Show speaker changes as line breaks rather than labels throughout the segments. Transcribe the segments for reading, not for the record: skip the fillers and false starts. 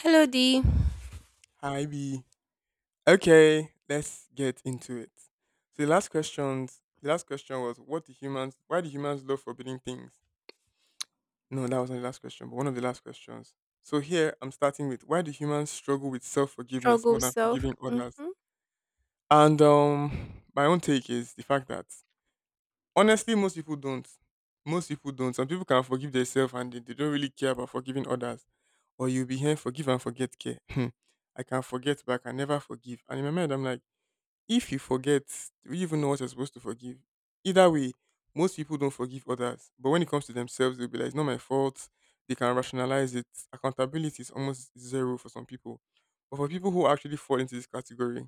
Hello, D.
Hi B. Okay, let's get into it. So the last question was what do humans why do humans love forbidding things? No, that wasn't the last question, but one of the last questions. So here I'm starting with why do humans struggle with self forgiveness more
Struggle
than
self.
forgiving others?
Mm-hmm,
And my own take is the fact that honestly most people don't. Most people don't. Some people can forgive themselves and they don't really care about forgiving others. Or you'll be here forgive and forget care. I can forget but I can never forgive. And in my mind I'm like if you forget, do you even know what you're supposed to forgive? Either way, most people don't forgive others. But when it comes to themselves, they'll be like, it's not my fault. They can rationalize it. Accountability is almost zero for some people. But for people who actually fall into this category,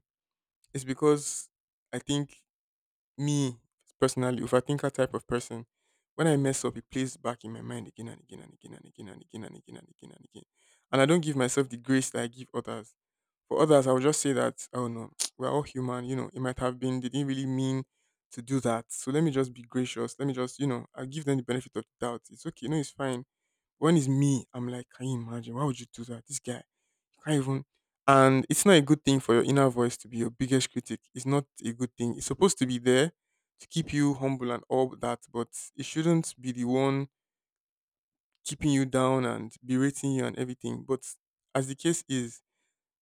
it's because I think me personally, if I think a type of person, when I mess up, it plays back in my mind again and again and again and again and again and again and again and again. And I don't give myself the grace that I give others for others, I would just say that, oh no, we're all human, it might have been, they didn't really mean to do that. So let me just be gracious. Let me just, I'll give them the benefit of the doubt. It's okay. No, it's fine. When it's me, I'm like, can you imagine? Why would you do that? This guy, you can't even. And it's not a good thing for your inner voice to be your biggest critic. It's not a good thing. It's supposed to be there to keep you humble and all that, but it shouldn't be the one keeping you down and berating you and everything. But as the case is,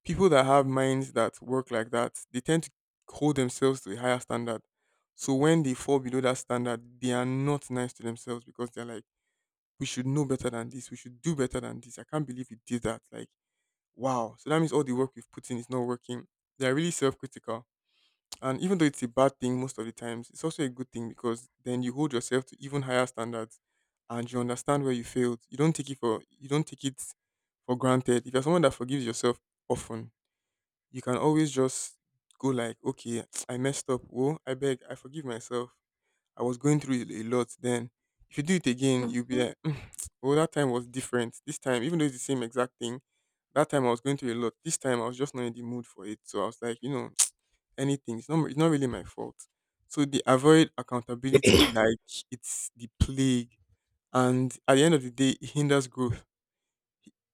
people that have minds that work like that, they tend to hold themselves to a higher standard. So when they fall below that standard, they are not nice to themselves because they're like, we should know better than this. We should do better than this. I can't believe we did that. Like, wow. So that means all the work we've put in is not working. They're really self critical. And even though it's a bad thing most of the times, it's also a good thing because then you hold yourself to even higher standards and you understand where you failed. You don't take it for granted. If you're someone that forgives yourself often, you can always just go like, okay, I messed up. Oh, I beg, I forgive myself. I was going through it a lot then. If you do it again, you'll be
mm-hmm.
like, "Mm, oh, that time was different. This time, even though it's the same exact thing, that time I was going through a lot. This time I was just not in the mood for it. So I was like, anything. It's not really my fault. So they avoid accountability like it's the plague. And at the end of the day, it hinders growth.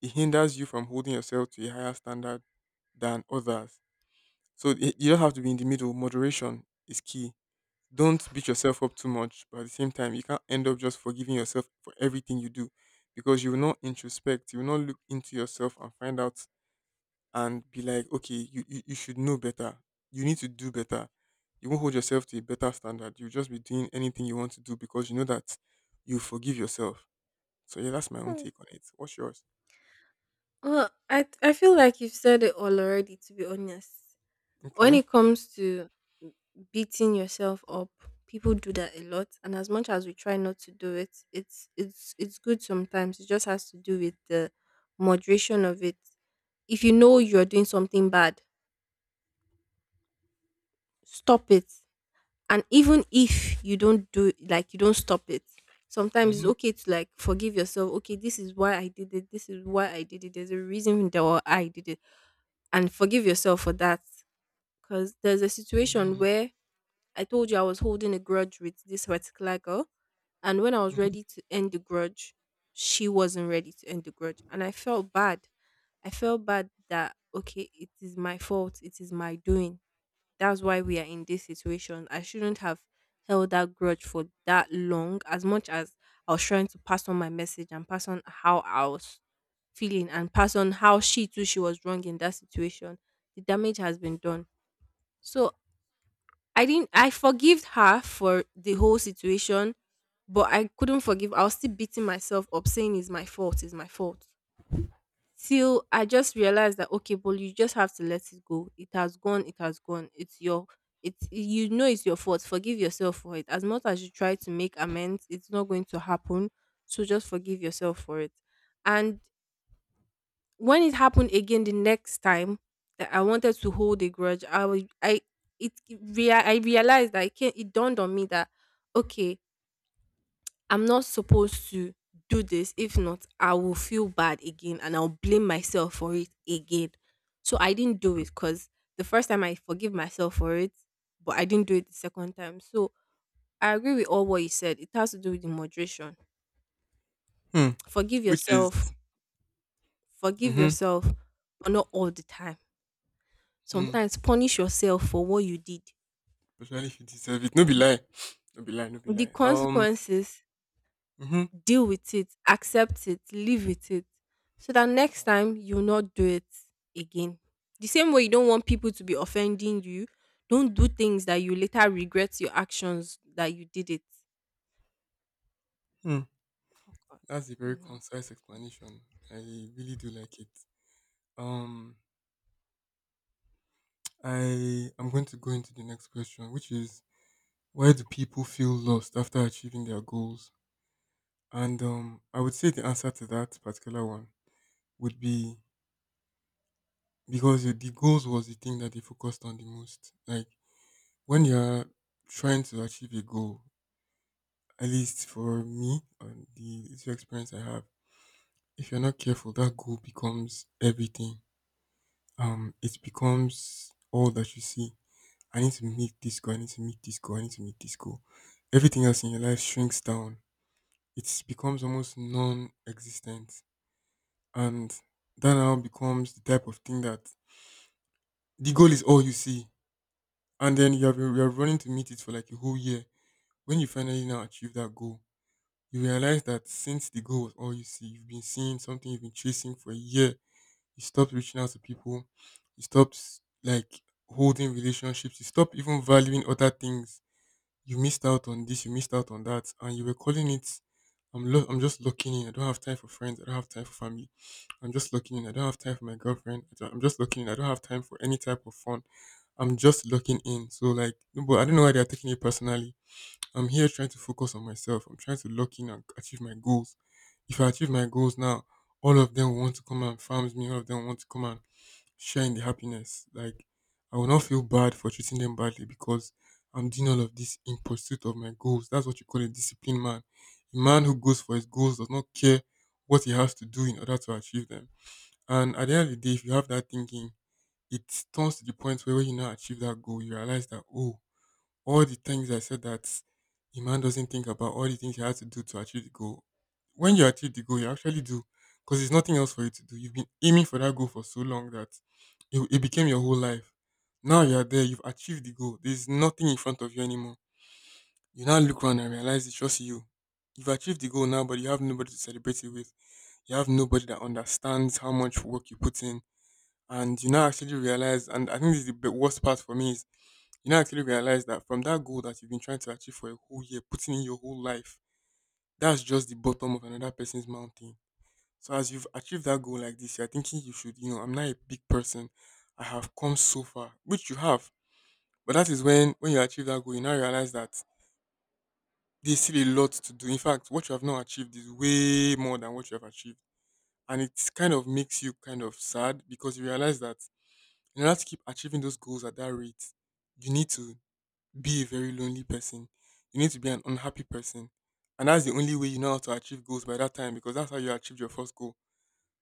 It hinders you from holding yourself to a higher standard than others. So you don't have to be in the middle. Moderation is key. Don't beat yourself up too much, but at the same time, you can't end up just forgiving yourself for everything you do because you will not introspect. You will not look into yourself and find out and be like, okay, you should know better. You need to do better. You won't hold yourself to a better standard. You'll just be doing anything you want to do because you know that you forgive yourself. So, yeah, that's my own take on it. What's yours?
Well, I feel like you've said it all already. To be honest, when
Okay.
it comes to beating yourself up, people do that a lot. And as much as we try not to do it, it's good sometimes. It just has to do with the moderation of it. If you know you're doing something bad, stop it. And even if you don't do it, like you don't stop it, sometimes it's
Mm-hmm.
okay to like forgive yourself. Okay, this is why I did it. This is why I did it. There's a reason that why I did it, and forgive yourself for that. Because there's a situation
Mm-hmm.
where I told you I was holding a grudge with this particular girl, and when I was ready to end the grudge, she wasn't ready to end the grudge, and I felt bad. I felt bad that okay, it is my fault. It is my doing that's why we are in this situation. I shouldn't have held that grudge for that long as much as I was trying to pass on my message and pass on how I was feeling and pass on how she too she was wrong in that situation. The damage has been done. So I didn't I forgave her for the whole situation, but I couldn't forgive. I was still beating myself up saying it's my fault till I just realized that okay, but you just have to let it go. It has gone, it has gone. It's your it's you know it's your fault. Forgive yourself for it. As much as you try to make amends, it's not going to happen. So just forgive yourself for it. And when it happened again the next time that I wanted to hold a grudge, I was I it I realized that it, came, it dawned on me that okay, I'm not supposed to do this. If not, I will feel bad again and I'll blame myself for it again. So I didn't do it because the first time I forgive myself for it, but I didn't do it the second time. So I agree with all what you said. It has to do with the moderation.
Hmm.
Forgive
Which is.
yourself, forgive
Mm-hmm.
yourself, but not all the time.
Hmm.
Sometimes punish yourself for what you did.
Especially if you deserve it. No be
The,
lie. No be lie, no be
the
lie.
consequences
Hmm.
deal with it, accept it, live with it. So that next time you'll not do it again. The same way you don't want people to be offending you, don't do things that you later regret your actions that you did it.
Hmm.
Oh God.
That's a
Oh
very
no.
concise
God.
explanation. I really do like it. Um I am going to go into the next question, which is why do people feel lost after achieving their goals? And I would say the answer to that particular one would be because the goals was the thing that they focused on the most. Like when you're trying to achieve a goal, at least for me and the little experience I have. If you're not careful, that goal becomes everything. It becomes all that you see. I need to meet this goal. I need to meet this goal. I need to meet this goal. Everything else in your life shrinks down. It becomes almost non-existent, and that now becomes the type of thing that the goal is all you see, and then you are running to meet it for like a whole year. When you finally now achieve that goal, you realize that since the goal was all you see, you've been seeing something you've been chasing for a year. You stopped reaching out to people. You stopped like holding relationships. You stopped even valuing other things. You missed out on this. You missed out on that, and you were calling it. I'm just locking in. I don't have time for friends. I don't have time for family. I'm just locking in. I don't have time for my girlfriend. I don't- I'm just locking in. I don't have time for any type of fun. I'm just locking in. So like, no, but I don't know why they are taking it personally. I'm here trying to focus on myself. I'm trying to lock in and achieve my goals. If I achieve my goals now, all of them will want to come and farms me. All of them want to come and share in the happiness. Like I will not feel bad for treating them badly because I'm doing all of this in pursuit of my goals. That's what you call a disciplined man. A man who goes for his goals does not care what he has to do in order to achieve them. And at the end of the day, if you have that thinking, it turns to the point where when you now achieve that goal, you realize that oh all the things I said that a man doesn't think about, all the things he has to do to achieve the goal. When you achieve the goal, you actually do because there's nothing else for you to do. You've been aiming for that goal for so long that it became your whole life. Now you're there, you've achieved the goal. There's nothing in front of you anymore. You now look around and realize it's just you. You've achieved the goal now, but you have nobody to celebrate it with. You have nobody that understands how much work you put in. And you now actually realize, and I think this is worst part for me, is you now actually realize that from that goal that you've been trying to achieve for a whole year, putting in your whole life, that's just the bottom of another person's mountain. So as you've achieved that goal like this, you're thinking you should, I'm not a big person. I have come so far, which you have. But that is when you achieve that goal, you now realize that there's still a lot to do. In fact, what you have not achieved is way more than what you have achieved. And it kind of makes you kind of sad because you realize that in order to keep achieving those goals at that rate, you need to be a very lonely person. You need to be an unhappy person. And that's the only way you know how to achieve goals by that time because that's how you achieved your first goal.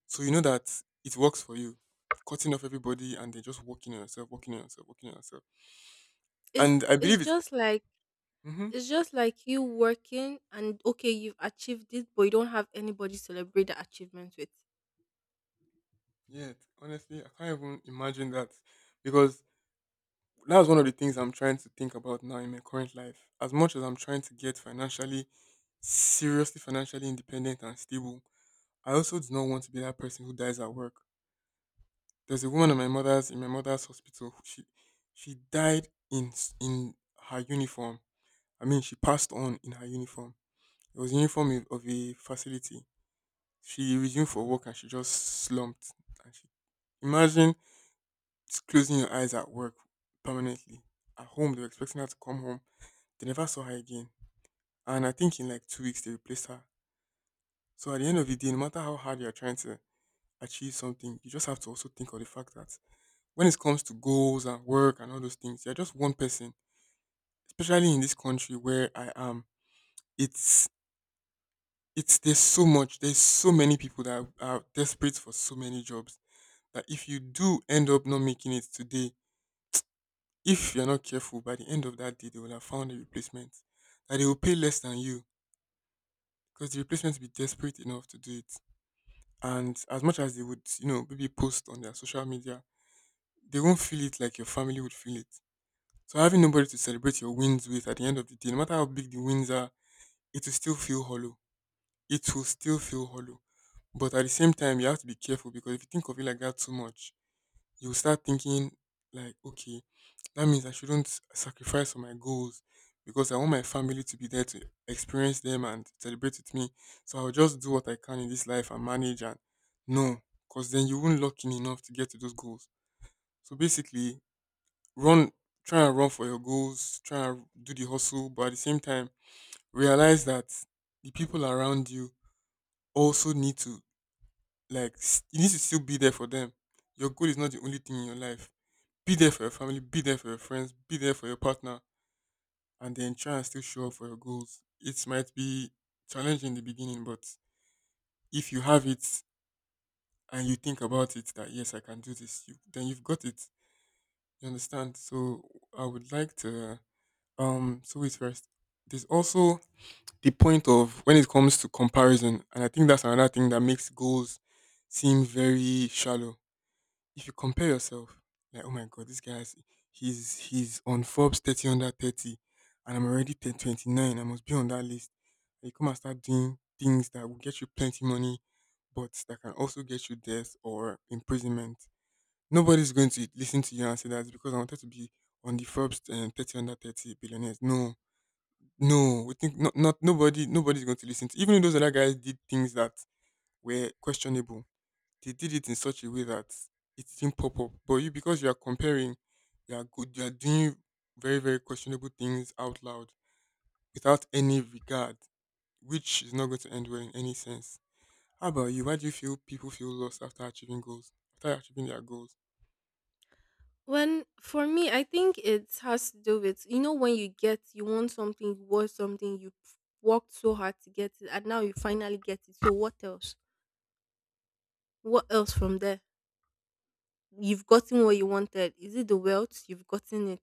So you know that it works for you. Cutting off everybody and then just working on yourself, working on yourself, working on yourself.
It's
And I
it's
believe it's
just like
mm-hmm.
it's just like you working and okay, you've achieved it, but you don't have anybody to celebrate the achievement with.
Yeah, honestly, I can't even imagine that because that's one of the things I'm trying to think about now in my current life. As much as I'm trying to get financially, seriously financially independent and stable, I also do not want to be that person who dies at work. There's a woman in my mother's hospital. She died in in her uniform. I mean, she passed on in her uniform. It was the uniform of a facility. She resumed for work and she just slumped. And she imagine just closing your eyes at work permanently. At home, they were expecting her to come home. They never saw her again. And I think in like 2 weeks they replaced her. So at the end of the day, no matter how hard you are trying to achieve something, you just have to also think of the fact that when it comes to goals and work and all those things, you're just one person. Especially in this country where I am, it's it's there's so many people that are desperate for so many jobs that if you do end up not making it today, if you're not careful, by the end of that day they will have found a replacement. That they will pay less than you because the replacement will be desperate enough to do it. And as much as they would, maybe post on their social media, they won't feel it like your family would feel it. So having nobody to celebrate your wins with at the end of the day, no matter how big the wins are, it will still feel hollow. It will still feel hollow. But at the same time, you have to be careful because if you think of it like that too much, you will start thinking, like, okay, that means I shouldn't sacrifice for my goals because I want my family to be there to experience them and celebrate with me. So I'll just do what I can in this life and manage, and no, because then you won't lock in enough to get to those goals. So basically, run try and run for your goals, try and do the hustle, but at the same time realize that the people around you also need to like s- you need to still be there for them. Your goal is not the only thing in your life. Be there for your family, be there for your friends, be there for your partner, and then try and still show up for your goals. It might be challenging in the beginning, but if you have it and you think about it that yes, I can do this, then you've got it. You understand? So I would like to, so wait first. There's also the point of when it comes to comparison, and I think that's another thing that makes goals seem very shallow. If you compare yourself, like, oh my god, this guy's he's on Forbes 30 under 30, and I'm already 1029. I must be on that list. And you come and start doing things that will get you plenty money, but that can also get you death or imprisonment. Nobody's going to listen to you and say that because I wanted to be on the Forbes 30 under 30 billionaires. No, no, we think not, nobody's going to listen to, even though those other guys did things that were questionable, they did it in such a way that it didn't pop up. But you, because you are comparing, you are doing very, very questionable things out loud without any regard, which is not going to end well in any sense. How about you? Why do you feel people feel lost after achieving goals? After achieving their goals?
When for me, I think it has to do with you know when you get you want something, worked so hard to get it, and now you finally get it. So what else? What else from there? You've gotten what you wanted. Is it the wealth? You've gotten it.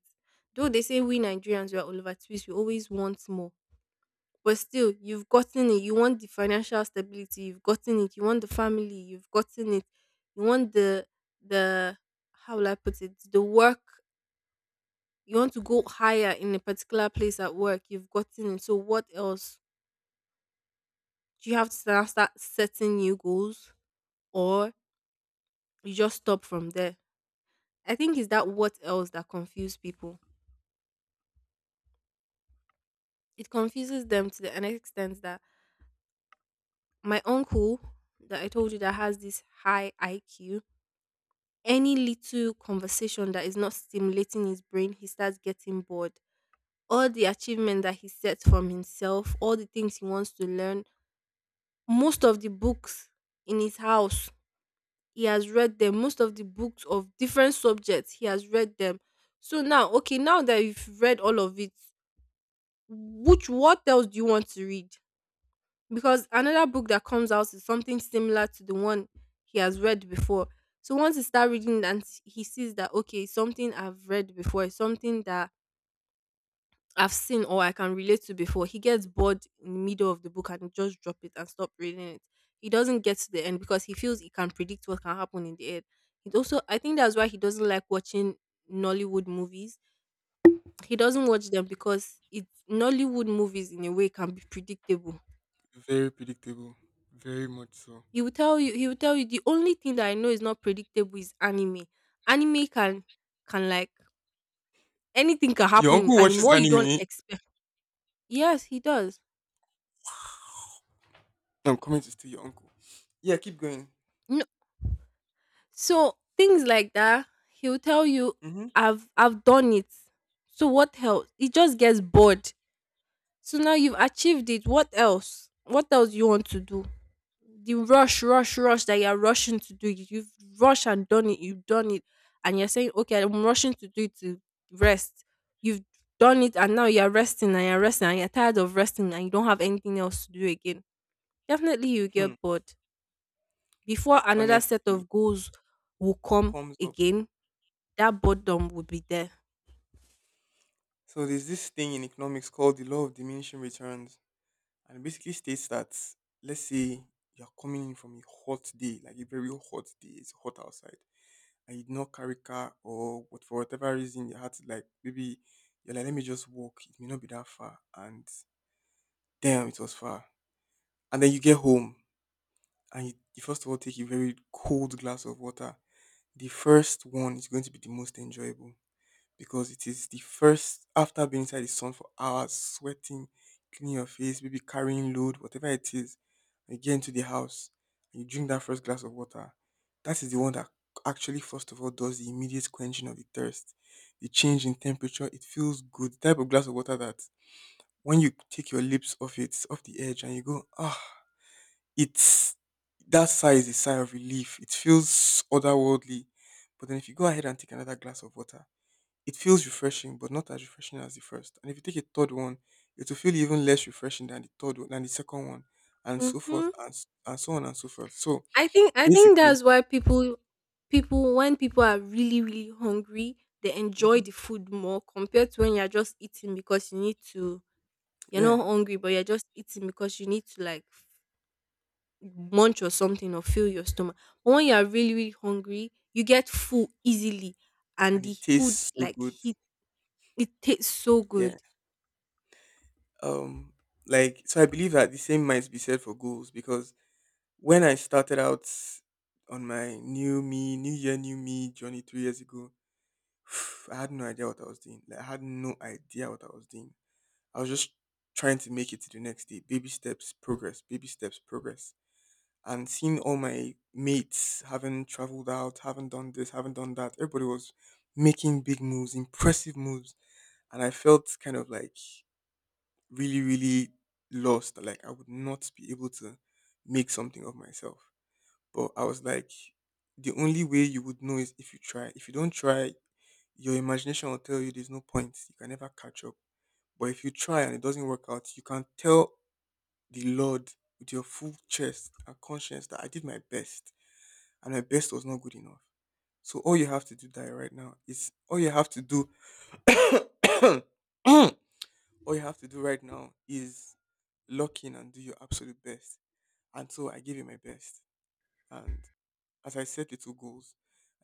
Though they say we Nigerians we are Oliver Twist, we always want more. But still, you've gotten it. You want the financial stability, you've gotten it. You want the family, you've gotten it. You want the how will I put it? The work you want to go higher in a particular place at work, you've gotten it. So what else? Do you have to start setting new goals or you just stop from there? I think it's that what else that confuse people. It confuses them to the an extent that my uncle that I told you that has this high IQ, any little conversation that is not stimulating his brain, he starts getting bored. All the achievement that he sets from himself, all the things he wants to learn, most of the books in his house he has read them, most of the books of different subjects he has read them. So now okay, now that you've read all of it, which what else do you want to read? Because another book that comes out is something similar to the one he has read before. So once he start reading it he sees that okay, it's something I've read before, it's something that I've seen or I can relate to before. He gets bored in the middle of the book and just drop it and stop reading it. He doesn't get to the end because he feels he can predict what can happen in the end. It also I think that's why he doesn't like watching Nollywood movies. He doesn't watch them because it's Nollywood movies in a way can be predictable.
Very predictable. Very much so.
He will tell you the only thing that I know is not predictable is anime. Anime can like anything can
Your
happen in
uncle
anime.
watches
What you don't
anime.
expect. Yes, he does.
I'm coming to steal your uncle. Yeah, keep going.
So things like that, he'll tell you,
Mm-hmm.
I've done it. So what else? It just gets bored. So now you've achieved it. What else? What else you want to do? The rush, rush, rush that you're rushing to do. You've rushed and done it. You've done it. And you're saying, okay, I'm rushing to do it to rest. You've done it and now you're resting and you're resting and you're tired of resting and you don't have anything else to do again. Definitely you
Hmm.
get bored. Before another set
Honestly
of goals will come
comes up.
again, that boredom would be there.
So there's this thing in economics called the law of diminishing returns, and it basically states that, let's say, you're coming in from a hot day, like a very hot day, it's hot outside, and you did not carry car or what, for whatever reason you had to, like, maybe you're like, let me just walk. It may not be that far, and damn, it was far. And then you get home, and you first of all take a very cold glass of water. The first one is going to be the most enjoyable because it is the first after being inside the sun for hours, sweating, cleaning your face, maybe carrying load, whatever it is. And you get into the house and you drink that first glass of water. That is the one that actually, first of all, does the immediate quenching of the thirst, the change in temperature. It feels good. The type of glass of water that when you take your lips off it, off the edge, and you go, ah, it's that sigh is a sigh of relief. It feels otherworldly. But then if you go ahead and take another glass of water, it feels refreshing, but not as refreshing as the first. And if you take a third one, it will feel even less refreshing than the third one, than the second one, and so forth,
Hmm.
and so on and so forth. So
I think
basically.
that's why people when people are really really hungry, they enjoy
Hmm.
the food more compared to when you're just eating because you need to. You're
Yeah.
not hungry, but you're just eating because you need to munch or something or fill your stomach. But when you are really really hungry, you get full easily, and
And
the
it
food
tastes so
like
good.
it tastes so
Yeah.
good.
Um, like so, I believe that the same might be said for goals because when I started out on my new me, new year, new me journey 3 years ago, I had no idea what I was doing. Like I had no idea what I was doing. I was just trying to make it to the next day. Baby steps, progress, baby steps, progress. And seeing all my mates having traveled out, haven't done this, haven't done that, everybody was making big moves, impressive moves. And I felt kind of like really, really lost. Like I would not be able to make something of myself. But I was like, the only way you would know is if you try. If you don't try, your imagination will tell you there's no point. You can never catch up. But if you try and it doesn't work out, you can tell the Lord with your full chest and conscience that I did my best and my best was not good enough. So all you have to do that right now is all you have to do all you have to do right now is lock in and do your absolute best. And so I gave it my best. And as I set little goals,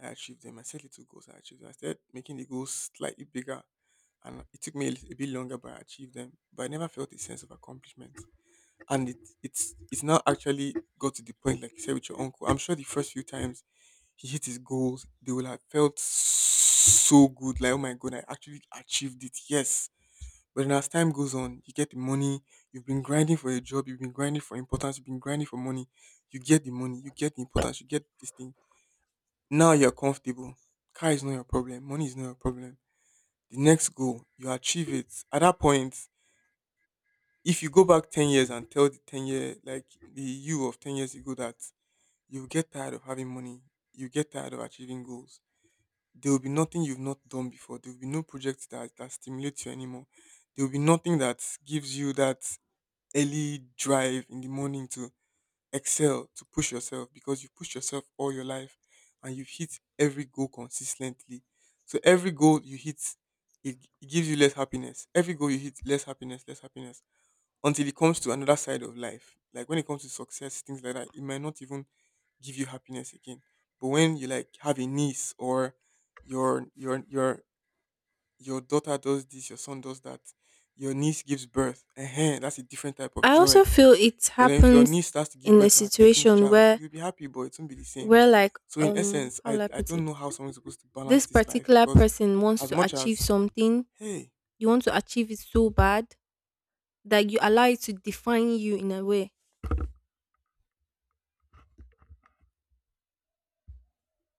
I achieved them. I set little goals, I achieved them. I started making the goals slightly bigger and it took me a bit longer, but I achieved them. But I never felt a sense of accomplishment, and it's now actually got to the point. Like you said with your uncle, I'm sure the first few times he hit his goals, they will have felt so good, like, oh my god, I actually achieved it. Yes, but then as time goes on, you get the money. You've been grinding for a job, you've been grinding for importance, you've been grinding for money. You get the money, you get the importance, you get this thing. Now you're comfortable. Car is not your problem, money is not your problem. The next goal you achieve it, at that point, if you go back 10 years and tell the 10 year, like, the you of 10 years ago, that you get tired of having money, you get tired of achieving goals. There will be nothing you've not done before. There will be no project that stimulates you anymore. There will be nothing that gives you that early drive in the morning to excel, to push yourself, because you've pushed yourself all your life and you've hit every goal consistently. So every goal you hit, it gives you less happiness. Every goal you hit, less happiness, less happiness, until it comes to another side of life. Like when it comes to success, things like that, it might not even give you happiness again. But when you, like, have a niece, or your your your your daughter does this, your son does that, your niece gives birth, that's a different type of
I
joy.
also feel it
But then if your
happens
niece starts to give
in a
birth to her 13th
situation
child,
where
you'll be happy, but it won't be the same.
where like
So in
um
essence,
how
I
will I
I
put
don't
it?
know how someone's supposed to balance
This
this life
particular
because
person wants
as
to
much
achieve
as
something,
hey
you want to achieve it so bad that you allow it to define you in a way.